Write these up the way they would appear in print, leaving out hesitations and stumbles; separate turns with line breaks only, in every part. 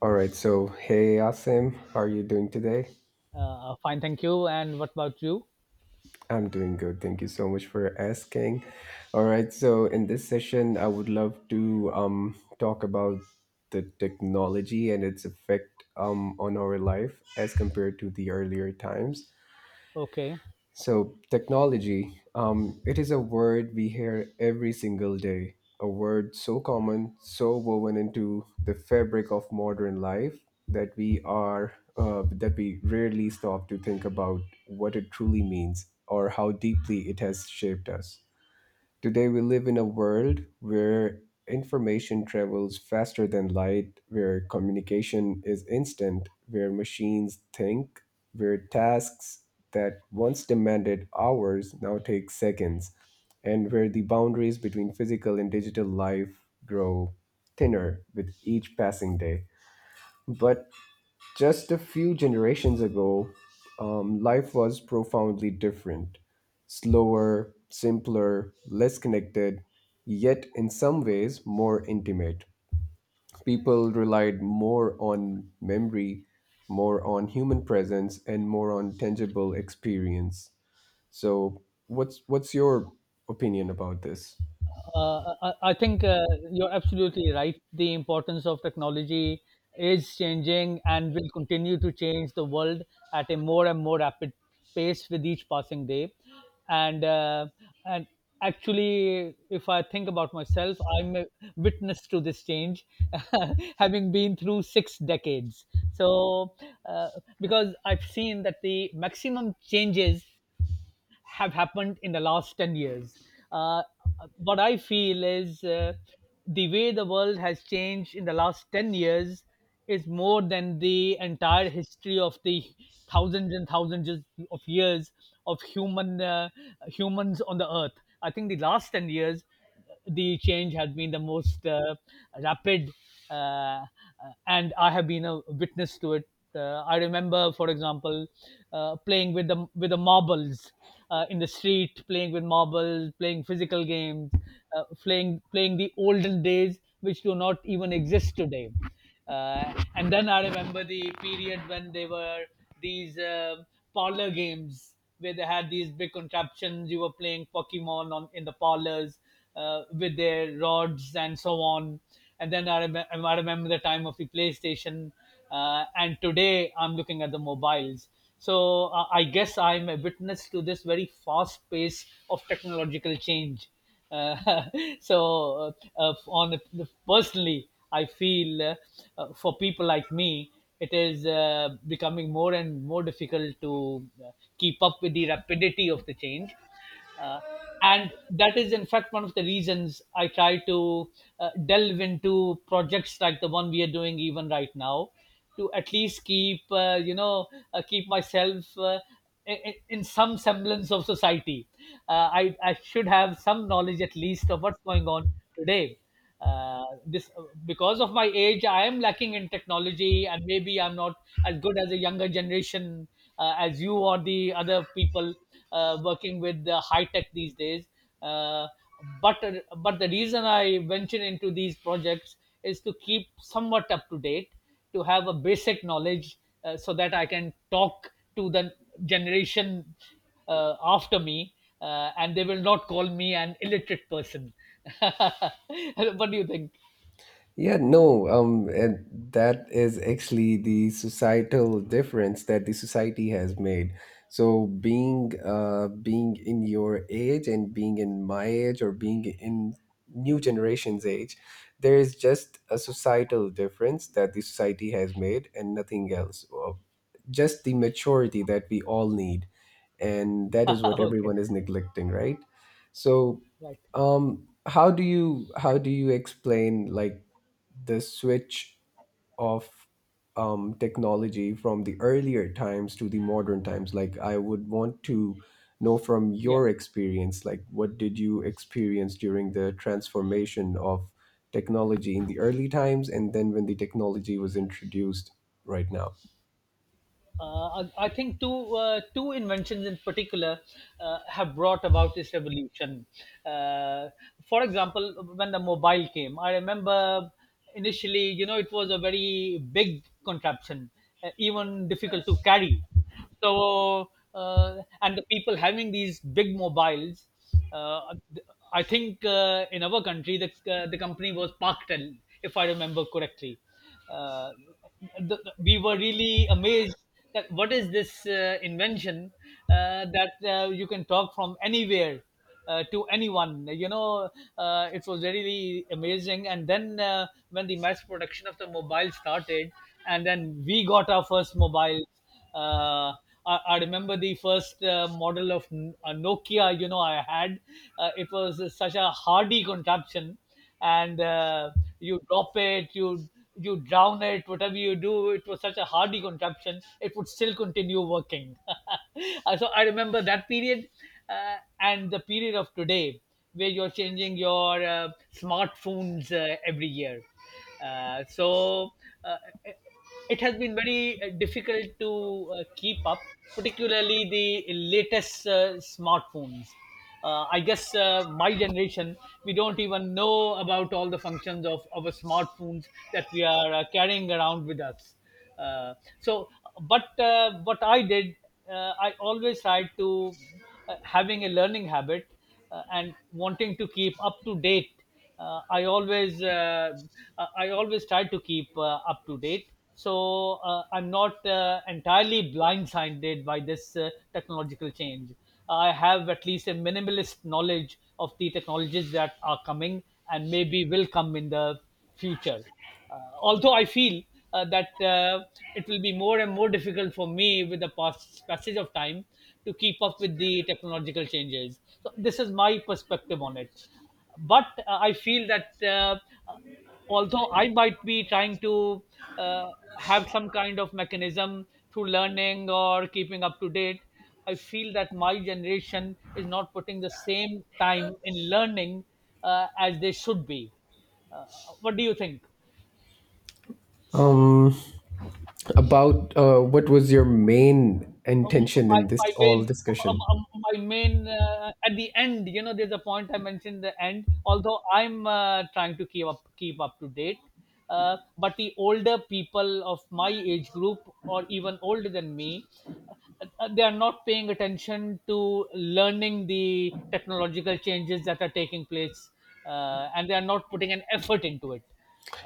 All right, so hey Asim, how are you doing today?
Fine, thank you. And what about you?
I'm doing good. Thank you so much for asking. All right, so in this session, I would love to talk about the technology and its effect on our life as compared to the earlier times.
Okay.
So, technology, it is a word we hear every single day, a word so common, so woven into the fabric of modern life that we are that we rarely stop to think about what it truly means or how deeply it has shaped us. Today, we live in a world where information travels faster than light, where communication is instant, where machines think, where tasks that once demanded hours now take seconds, and where the boundaries between physical and digital life grow thinner with each passing day. But just a few generations ago, life was profoundly different, slower, simpler, less connected, yet in some ways more intimate. People relied more on memory, more on human presence, and more on tangible experience. So, what's your opinion about this?
I think you're absolutely right. The importance of technology is changing and will continue to change the world at a more and more rapid pace with each passing day. And uh, and Actually, if I think about myself, I'm a witness to this change, having been through six decades. So uh, because I've seen that the maximum changes have happened in the last 10 years. Uh, what I feel is the way the world has changed in the last 10 years is more than the entire history of the thousands and thousands of years of humans on the earth. I think the last 10 years the change has been the most rapid, uh, uh, and I have been a witness to it. I remember, for example, playing with the marbles in the street, playing with marbles, playing physical games, playing the olden days, which do not even exist today. And then I remember the period when they were these parlor games where they had these big contraptions. You were playing Pokemon on in the parlors with their rods and so on. And then I remember the time of the PlayStation, and today I'm looking at the mobiles. I guess I'm a witness to this very fast pace of technological change. Uh, Personally, I feel for people like me, it is becoming more and more difficult to keep up with the rapidity of the change. Uh, and that is, in fact, one of the reasons I try to delve into projects like the one we are doing even right now to at least keep, you know, keep myself in some semblance of society. I should have some knowledge at least of what's going on today uh, this because of my age I am lacking in technology and maybe I'm not as good as a younger generation, as you or the other people working with the high tech these days. uh, but uh, but the reason I venture into these projects is to keep somewhat up to date, to have a basic knowledge, so that I can talk to the generation after me, and they will not call me an illiterate person. What do you think?
Yeah, no, and that is actually the societal difference that the society has made. So being in your age and being in my age or being in new generation's age, there is just a societal difference that the society has made and nothing else. Just the maturity that we all need, and that is what
Okay.
everyone is neglecting, right? So,
Right.
how do you explain, like, the switch of technology from the earlier times to the modern times? Like, I would want to know from
Yeah.
your experience, like, what did you experience during the transformation of technology in the early times and then when the technology was introduced right now?
I think two inventions in particular have brought about this revolution. Uh, for example, when the mobile came, I remember initially, you know, it was a very big contraption, even difficult to carry. So, uh, and the people having these big mobiles, uh, I think in our country, the company was Parktel, if I remember correctly. Uh, we were really amazed that what is this invention that you can talk from anywhere to anyone. You know, it was really amazing. And then When the mass production of the mobile started, and then we got our first mobiles. Uh, I remember the first model of Nokia. You know, I had— it was such a hardy contraption, and you drop it, you drown it, whatever you do, it was such a hardy contraption, it would still continue working. So I remember that period and the period of today where you're changing your smartphones every year. Uh, so uh, it has been very difficult to keep up, particularly the latest smartphones. I guess my generation, we don't even know about all the functions of our smartphones that we are carrying around with us. Uh, so, but What I did, I always tried to— having a learning habit and wanting to keep up to date, uh, I always uh, I always try to keep up to date. I'm not entirely blindsided by this technological change. I have at least a minimalist knowledge of the technologies that are coming and maybe will come in the future. Although I feel that it will be more and more difficult for me with the past passage of time to keep up with the technological changes. So this is my perspective on it, but I feel that although I might be trying to uh, have some kind of mechanism through learning or keeping up to date, I feel that my generation is not putting the same time in learning as they should be. uh, what do you think?
Um, about what was your main intention
My,
in
my
this all
main
discussion?
my main— at the end, you know, there's a point I mentioned the end, although I'm trying to keep up to date, uh, but the older people of my age group or even older than me they are not paying attention to learning the technological changes that are taking place, and they are not putting an effort into it.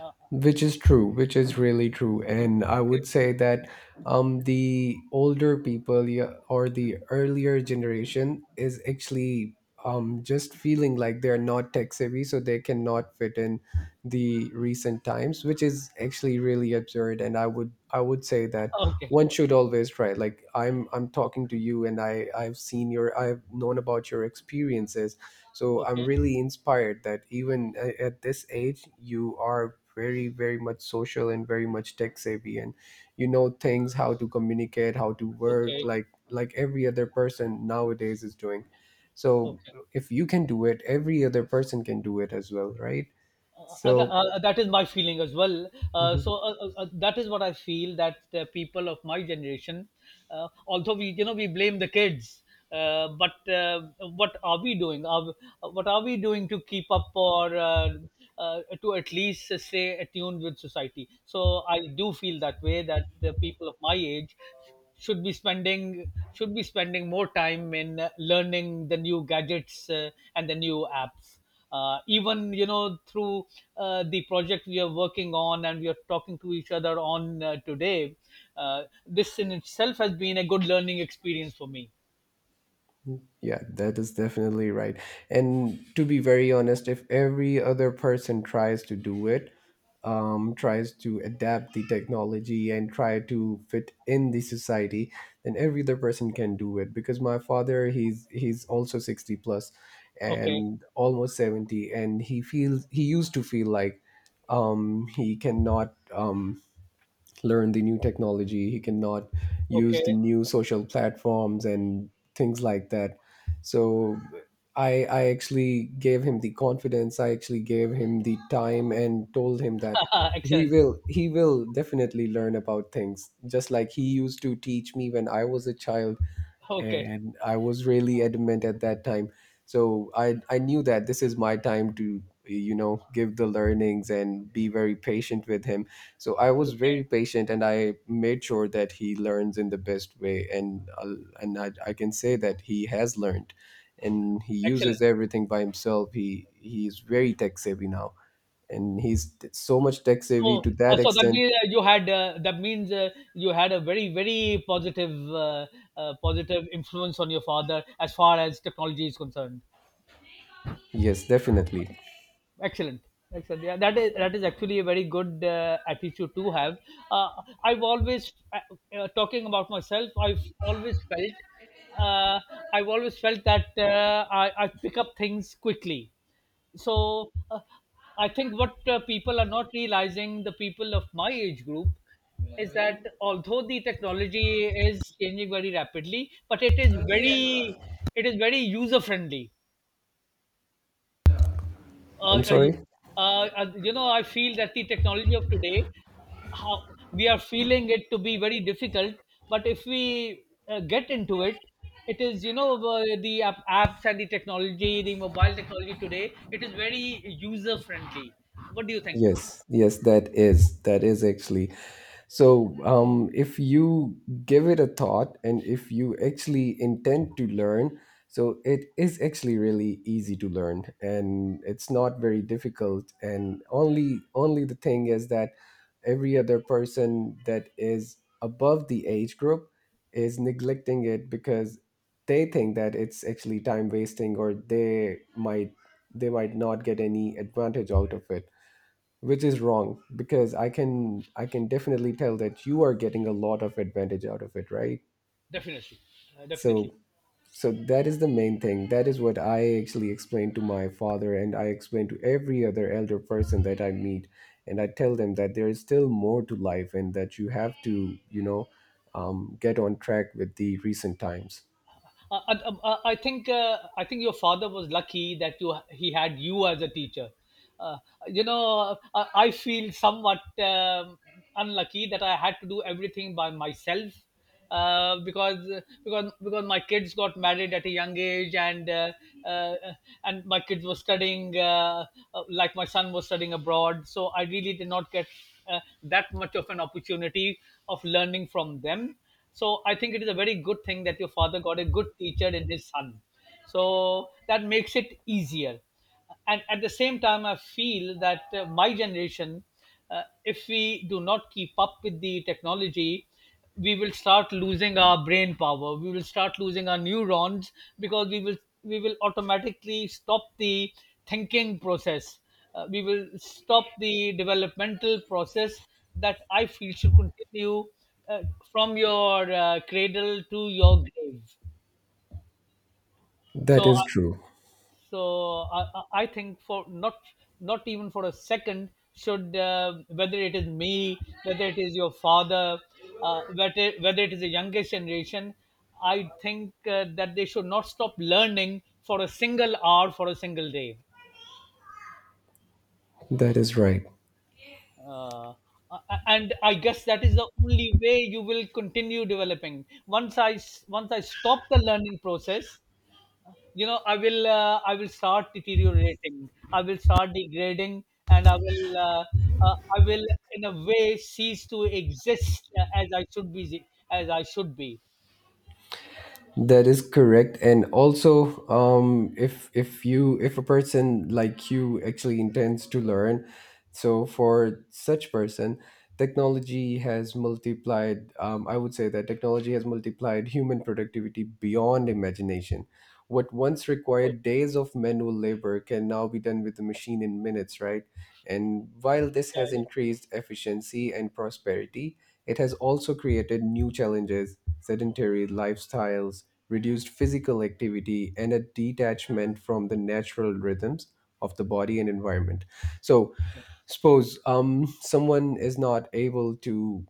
uh,
Which is really true, and I would
okay.
say that um, the older people, yeah, or the earlier generation is actually um, just feeling like they're not tech savvy, so they cannot fit in the recent times, which is actually really absurd. And I would say that
Okay.
one should always try. Like, I'm talking to you, and I've known about your experiences, so I'm
Okay.
really inspired that even at this age you are very very much social and very much tech savvy and you know things, how to communicate, how to work,
Okay.
like every other person nowadays is doing. So
Okay.
if you can do it, every other person can do it as well, right? So
That is my feeling as well.
mhm.
That is what I feel, that people of my generation, although we, you know, we blame the kids, but what are we doing? Are— what are we doing to keep up, or to at least stay attuned with society? So I do feel that way, that the people of my age should be spending more time in learning the new gadgets and the new apps, even, you know, through the project we are working on and we are talking to each other on today. This in itself has been a good learning experience for me.
Yeah, that is definitely right. And to be very honest, if every other person tries to do it, tries to adapt the technology and try to fit in the society, then every other person can do it. Because my father, he's also 60 plus,
Okay.
and almost 70, and he used to feel like he cannot learn the new technology, he cannot use the
Okay.
new social platforms and things like that. So I actually gave him the confidence, I actually gave him the time and told him that he
Excellent.
will he will definitely learn about things just like he used to teach me when I was a child,
Okay.
and I was really adamant at that time. So I knew that this is my time to, you know, give the learnings and be very patient with him. So I was
Okay.
very patient and I made sure that he learns in the best way, and I can say that he has learned and he
Excellent.
uses everything by himself. He's very tech savvy now and he's so much tech savvy
so
to
uh,
that
so that
extent.
means you had that means you had a very, very positive positive influence on your father as far as technology is concerned.
Yes, definitely.
Excellent. Excellent. Yeah, that is— that is actually a very good attitude to have. Uh, I've always Talking about myself, uh, I've always felt that I pick up things quickly. So uh, I think what people are not realizing, the people of my age group, is that although the technology is changing very rapidly, but it is very user friendly. uh,
I'm
uh, you-
sorry.
you know, I feel that the technology of today, how we are feeling it to be very difficult. But if we get into it, it is, you know, the apps and the technology, the mobile technology today, it is very user friendly. What do you think?
Yes, yes, that is actually. So, if you give it a thought and if you actually intend to learn, so it is actually really easy to learn and it's not very difficult. And only the thing is that every other person that is above the age group is neglecting it because they think that it's actually time wasting, or they might, they might not get any advantage out of it, which is wrong because I can definitely tell that you are getting a lot of advantage out of it, right?
Definitely, definitely.
So, so that is the main thing, that is what I actually explain to my father and I explain to every other elder person that I meet, and I tell them that there is still more to life and that you have to, you know, get on track with the recent times.
I think your father was lucky that you he had you as a teacher. Uh, you know, I feel somewhat unlucky that I had to do everything by myself, uh, because because because my kids got married at a young age, uh, and my kids were studying— like my son was studying abroad. So I really did not get that much of an opportunity of learning from them, so I think it is a very good thing that your father got a good teacher in his son. So that makes it easier. And at the same time, I feel that my generation, if we do not keep up with the technology, we will start losing our brain power. We will start losing our neurons because we will automatically stop the thinking process. We will stop the developmental process that I feel should continue uh, from your cradle to your grave.
That
So, uh,
is true.
so I I think, for not— not even for a second should whether it is me, whether it is your father, whether it is the youngest generation, I think that they should not stop learning for a single hour, for a single day.
That is right.
Uh, and I guess that is the only way you will continue developing. Once I stop the learning process, you know, I will start deteriorating, I will start degrading, and I will in a way cease to exist as I should be, as I should be.
That is correct. And also, if a person like you actually intends to learn, so for such person, technology has multiplied. I would say that technology has multiplied human productivity beyond imagination. What once
Okay.
required days of manual labor can now be done with the machine in minutes, right? And while this
Yeah.
has
Yeah.
increased efficiency and prosperity, it has also created new challenges, sedentary lifestyles, reduced physical activity, and a detachment from the natural rhythms of the body and environment. So, suppose someone is not able to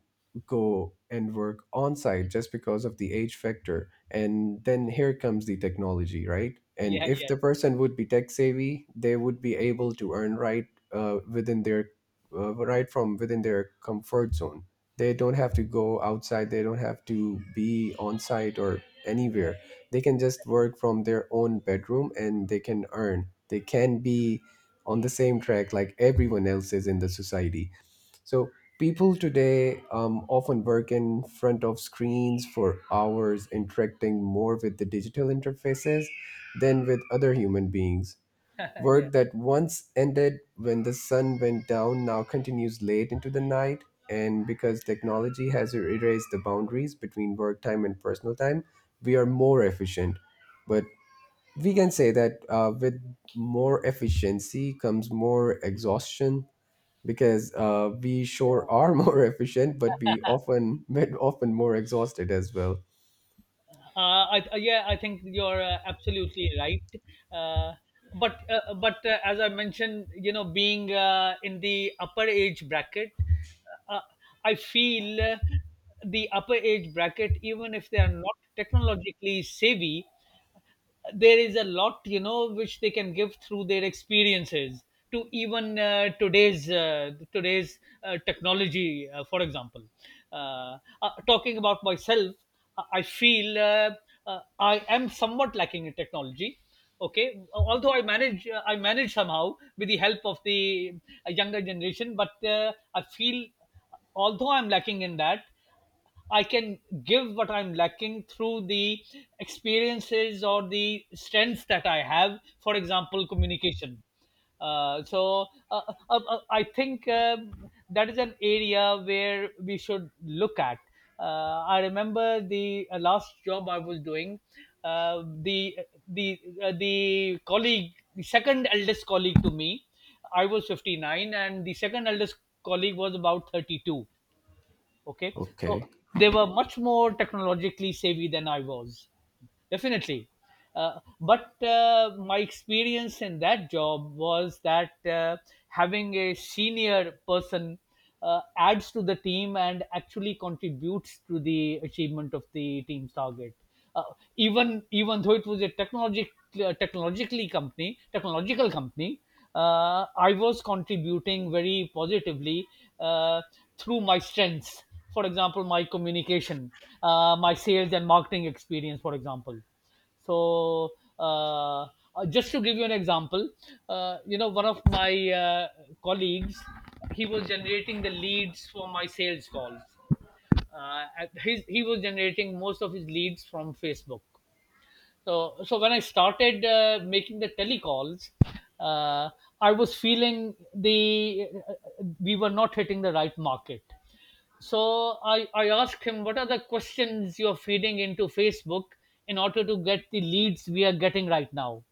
go and work on site just because of the age factor. And then here comes the technology, right? And
Yeah.
if
Yeah.
the
Yeah.
person would be tech savvy, they would be able to earn, right, within their right from within their comfort zone. They don't have to go outside. They don't have to be on site or anywhere. They can just
Yeah.
work from their own bedroom and they can earn. They can be on the same track like everyone else is in the society. So people today often work in front of screens for hours, interacting more with the digital interfaces than with other human beings.
Yeah.
Work that once ended when the sun went down now continues late into the night. And because technology has erased the boundaries between work time and personal time, we are more efficient. But we can say that with more efficiency comes more exhaustion, because we sure are more efficient, but we often, but often more exhausted as well.
Yeah, I think you're absolutely right. Uh, but as I mentioned, you know, being in the upper age bracket, uh, I feel the upper age bracket, even if they are not technologically savvy, there is a lot, you know, which they can give through their experiences to even today's technology, for example. Talking about myself, I feel uh, I am somewhat lacking in technology. Okay. Although I manage I manage somehow with the help of the younger generation, but I feel although I'm lacking in that, I can give what I'm lacking through the experiences or the strengths that I have. For example, communication. So, I think that is an area where we should look at. I remember the last job I was doing. Uh, the the the colleague, the second eldest colleague to me, I was 59, and the second eldest colleague was about 32. Okay.
Okay,
So they were much more technologically savvy than I was, definitely. But my experience in that job was that having a senior person adds to the team and actually contributes to the achievement of the team's target. Uh, even even though it was a technological company, I was contributing very positively, uh, through my strengths, for example my communication, my sales and marketing experience, for example. So uh, uh, just to give you an example, you know, one of my colleagues, he was generating the leads for my sales calls. He was generating most of his leads from Facebook. So when I started making the telecalls, uh, I was feeling the we were not hitting the right market. So I asked him, what are the questions you're feeding into Facebook in order to get the leads we are getting right now?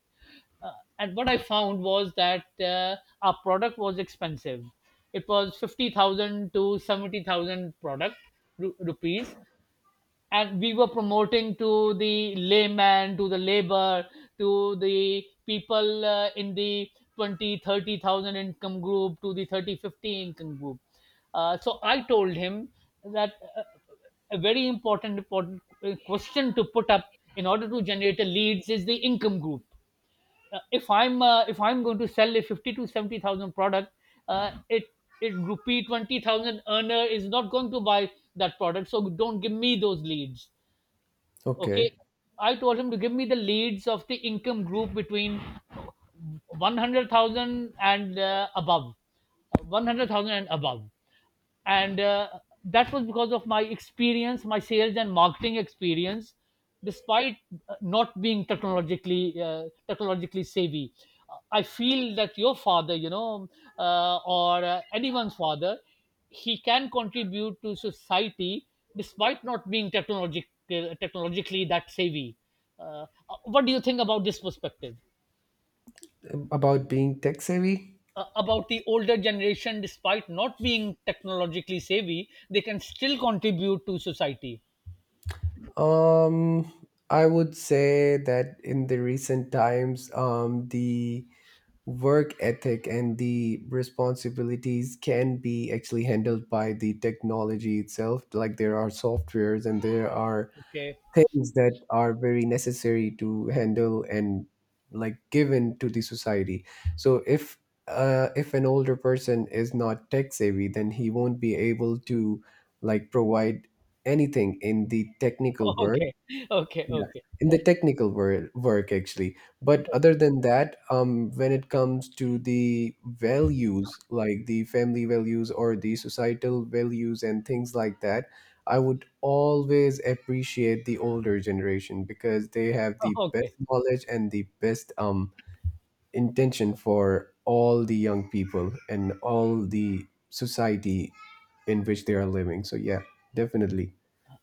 Uh, and what I found was that our product was expensive. It was 50,000 to 70,000 product rupees, and we were promoting to the layman, to the labor, to the people, in the 20, 30,000 income group, to the 30, 50 income group. So I told him that a very important question to put up in order to generate a leads is the income group. If I'm going to sell a 50 to 70,000 product, uh, it it rupee 20,000 earner is not going to buy that product, so don't give me those leads. Okay.
okay.
I told him to give me the leads of the income group between 100,000 and, above 100,000 and above. And that was because of my experience, my sales and marketing experience, despite not being technologically savvy. I feel that your father, you know, or anyone's father, he can contribute to society despite not being technologically that savvy. uh, what do you think about this perspective,
About being tech savvy,
about the older generation? Despite not being technologically savvy, they can still contribute to society.
um, I would say that in the recent times um, the work ethic and the responsibilities can be actually handled by the technology itself. Like there are softwares and there are
Okay.
things that are very necessary to handle and like given to the society. So if an older person is not tech savvy, then he won't be able to like provide anything in the technical world.
Okay, okay,
Yeah,
okay,
in the technical work actually. But other
okay,
than that, when it comes to the values, like the family values or the societal values and things like that, I would always appreciate the older generation because they have the best
okay.
knowledge and the best um, intention for all the young people and all the society in which they are living. So yeah, definitely.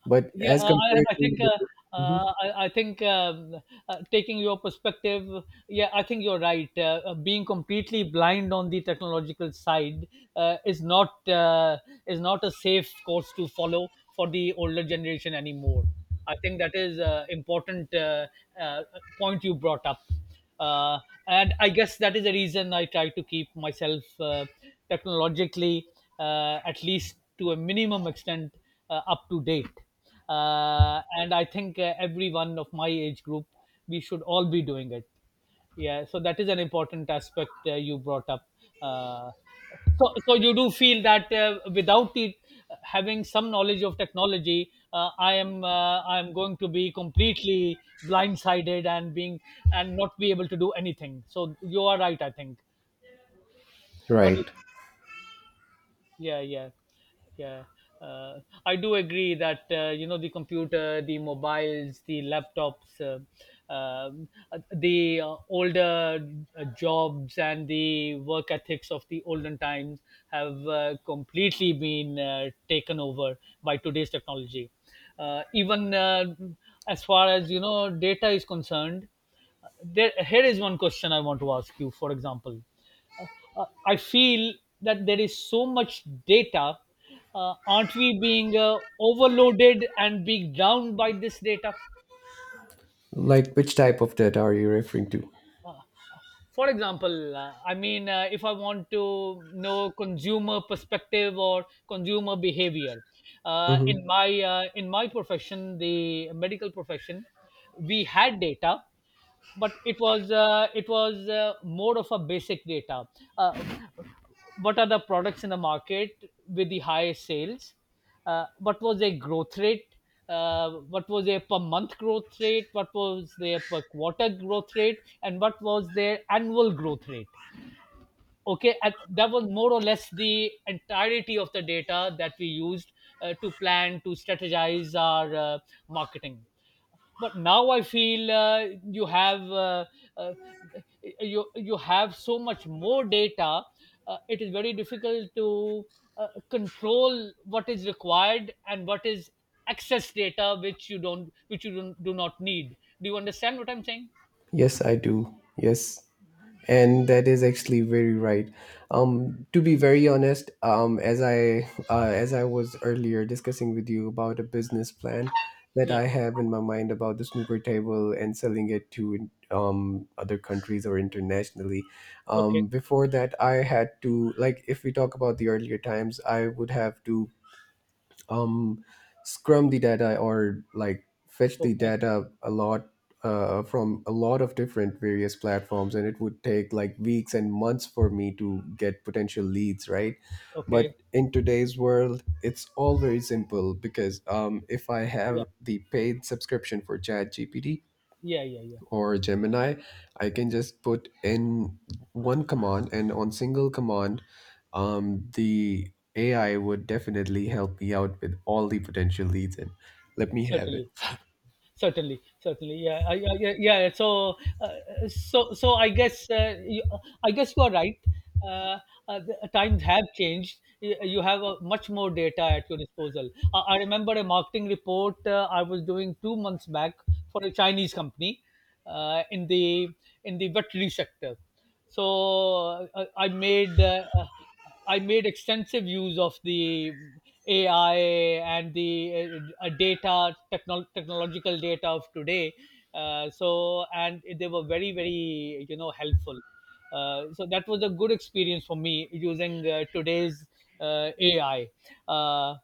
But
Yeah,
as
uh, I,
compared
I
to
think
the
uh,
mhm,
uh, I, I think taking your perspective, yeah, I think you're right. Being completely blind on the technological side uh, is not uh, is not a safe course to follow for the older generation anymore. I think that is important, uh, point you brought up. Uh, and I guess that is the reason I try to keep myself, technologically, at least to a minimum extent, up to date, and I think, everyone of my age group, we should all be doing it, yeah. So that is an important aspect you brought up. Uh, so so you do feel that, without it having some knowledge of technology, I am going to be completely blindsided, and being and not be able to do anything. So you are right, I think. What
right.
do you... Yeah, yeah, yeah. uh, I do agree that, you know, the computer, the mobiles, the laptops, the older jobs and the work ethics of the olden times have completely been taken over by today's technology. Even, as far as, you know, data is concerned, there here is one question I want to ask you, for example. uh, I feel that there is so much data. Aren't we being overloaded and being drowned by this data?
Like which type of debt are you referring to?
For example, I mean, if I want to know consumer perspective or consumer behavior,
Hmm.
in my profession, the medical profession, we had data, but it was more of a basic data. Uh, what are the products in the market with the highest sales? What was their growth rate? What was their per month growth rate? What was their per quarter growth rate? And what was their annual growth rate? Okay. And that was more or less the entirety of the data that we used to plan, to strategize our marketing. But now I feel, you have uh, you you have so much more data, it is very difficult to control what is required and what is excess data which you don't, do not need. Do you understand what I'm saying?
Yes, I do. Yes. And that is actually very right. To be very honest, as I was earlier discussing with you about a business plan that
Yeah.
I have in my mind about the snooker table and selling it to other countries or internationally.
Okay,
Before that, I had to, like, if we talk about the earlier times, I would have to um, scrum the data or, like, fetch the
okay,
data a lot from a lot of different various platforms, and it would take like weeks and months for me to get potential leads, right?
okay.
But in today's world it's all very simple because if I
Yeah,
have the paid subscription for Chat GPT
yeah, yeah, yeah.
or Gemini, I can just put in one command, and on single command, the AI would definitely help me out with all the potential leads and let me have it.
Certainly, certainly, certainly. Yeah, yeah. So I guess I guess you are right. uh, the times have changed. You have much more data at your disposal. I remember a marketing report I was doing 2 months back for a Chinese company, uh, in the in the veterinary sector. so uh, i made uh, uh, I made extensive use of the AI and the data, technological data of today. And they were very, very, you know, helpful. So that was a good experience for me using today's AI. Uh,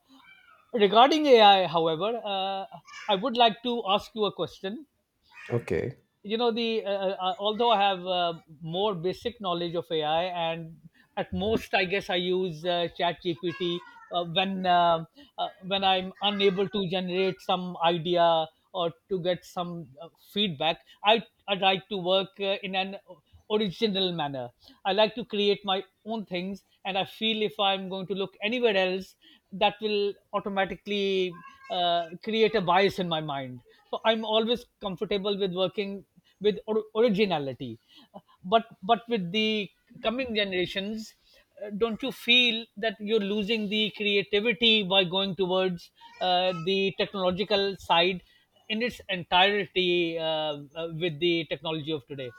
Regarding AI, however, I would like to ask you a question.
Okay.
You know, the although I have, more basic knowledge of AI, and at most I guess I use Chat GPT, uh, when uh, when I'm unable to generate some idea or to get some feedback. I like to work in an original manner. I like to create my own things, and I feel if I'm going to look anywhere else, that will automatically create a bias in my mind. So I'm always comfortable with working with originality. But with the coming generations, don't you feel that you're losing the creativity by going towards the technological side in its entirety, with the technology of today?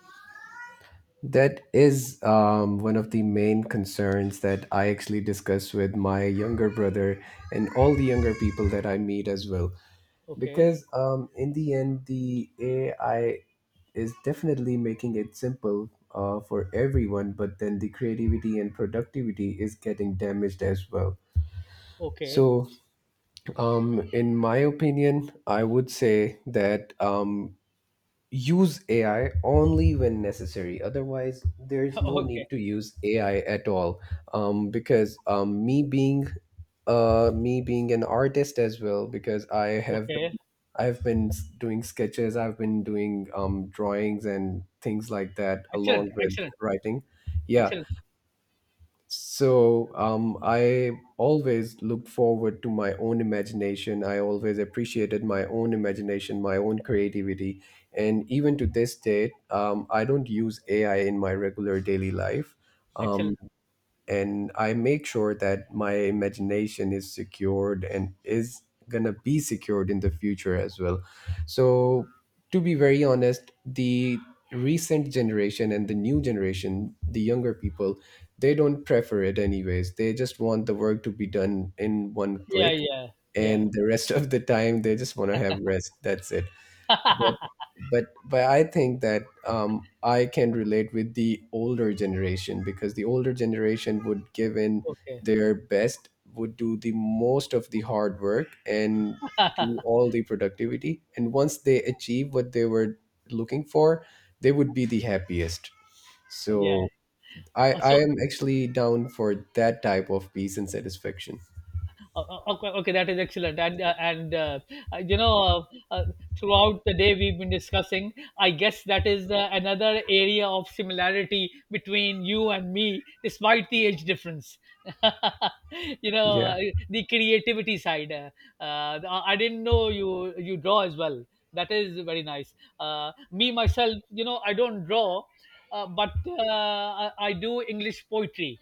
That is one of the main concerns that I actually discuss with my younger brother and all the younger people that I meet as well.
Okay,
Because in the end, the AI is definitely making it simple for everyone, but then the creativity and productivity is getting damaged as well.
okay.
So in my opinion I would say that use AI only when necessary, otherwise there is no need
Okay,
to use AI at all. Um, because me being an artist as well, because I have,
okay.
I've been doing sketches, I've been doing drawings and things like that,
Excellent,
along with
excellent,
writing. Yeah.
excellent,
So I always looked forward to my own imagination. I always appreciated my own imagination, my own creativity. And even to this date, I don't use AI in my regular daily life. Um,
excellent.
and I make sure that my imagination is secured and is gonna be secured in the future as well. So, to be very honest, the recent generation and the new generation, the younger people, they don't prefer it anyways. They just want the work to be done in one
Yeah,
click,
yeah, yeah.
and the rest of the time, they just want to have rest. That's it. But, but I think that I can relate with the older generation, because the older generation would give in
Okay.
their best, would do the most of the hard work and do all the productivity, and once they achieve what they were looking for, they would be the happiest.
Yeah.
So I
Also.
I am actually down for that type of peace and satisfaction.
Okay, okay, that is excellent. And you know, throughout the day we've been discussing. I guess that is another area of similarity between you and me, despite the age difference. You know,
Yeah,
the creativity side. I didn't know you draw as well. That is very nice. Me myself, you know, I don't draw, but I do English poetry.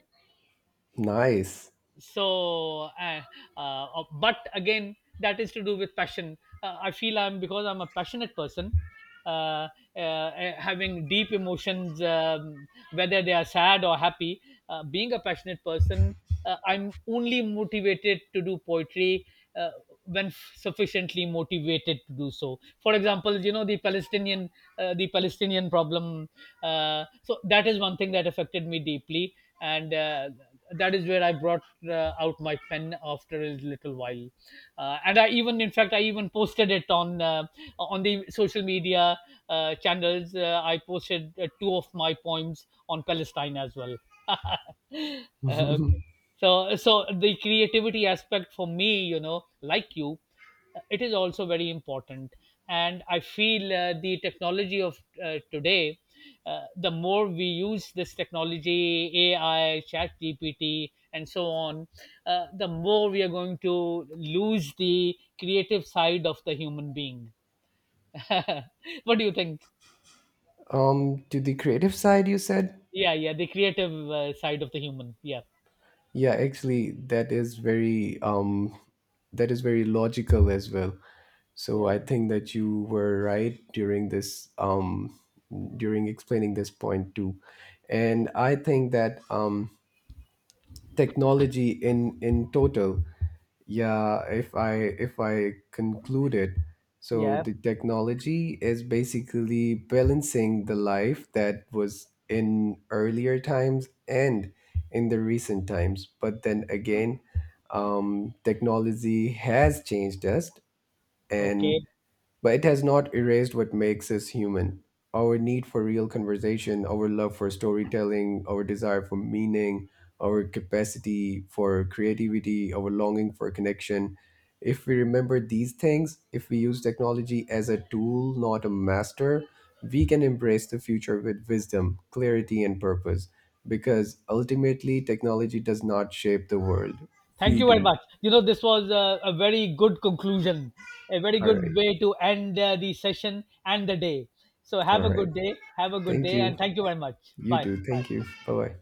nice.
So uh, uh, uh, but again, that is to do with passion. I feel I'm because I'm a passionate person, uh, uh, having deep emotions, whether they are sad or happy, being a passionate person, I'm only motivated to do poetry uh, when sufficiently motivated to do so. For example, you know, the Palestinian problem, so that is one thing that affected me deeply. And that is where I brought out my pen after a little while, and I even, in fact, I even posted it on the social media channels. I posted two of my poems on Palestine as well. Okay.
um,
So the creativity aspect for me, you know, like you, it is also very important, and I feel the technology of today, the more we use this technology, AI, Chat GPT, and so on, the more we are going to lose the creative side of the human being. What do you think?
to the creative side, you said.
Yeah, yeah, the creative side of the human. Yeah,
Yeah, actually, that is very logical as well. So
yeah,
I think that you were right during this during explaining this point too, and I think that technology in total, yeah, if I conclude it, so
yeah.
the technology is basically balancing the life that was in earlier times and in the recent times. But then again, technology has changed us, and
Okay.
but it has not erased what makes us human, our need for real conversation, our love for storytelling, our desire for meaning, our capacity for creativity, our longing for connection. If we remember these things, if we use technology as a tool, not a master, we can embrace the future with wisdom, clarity, and purpose. Because ultimately, technology does not shape the world.
Thank
We
you very
do.
much. You know, this was a very good conclusion, a very
All
good
right.
way to end the session and the day. So, have
All
a
right.
good day. Have a good
Thank
day. And
you.
thank you very much.
You
Bye.
too.
Bye.
Thank you. Bye bye.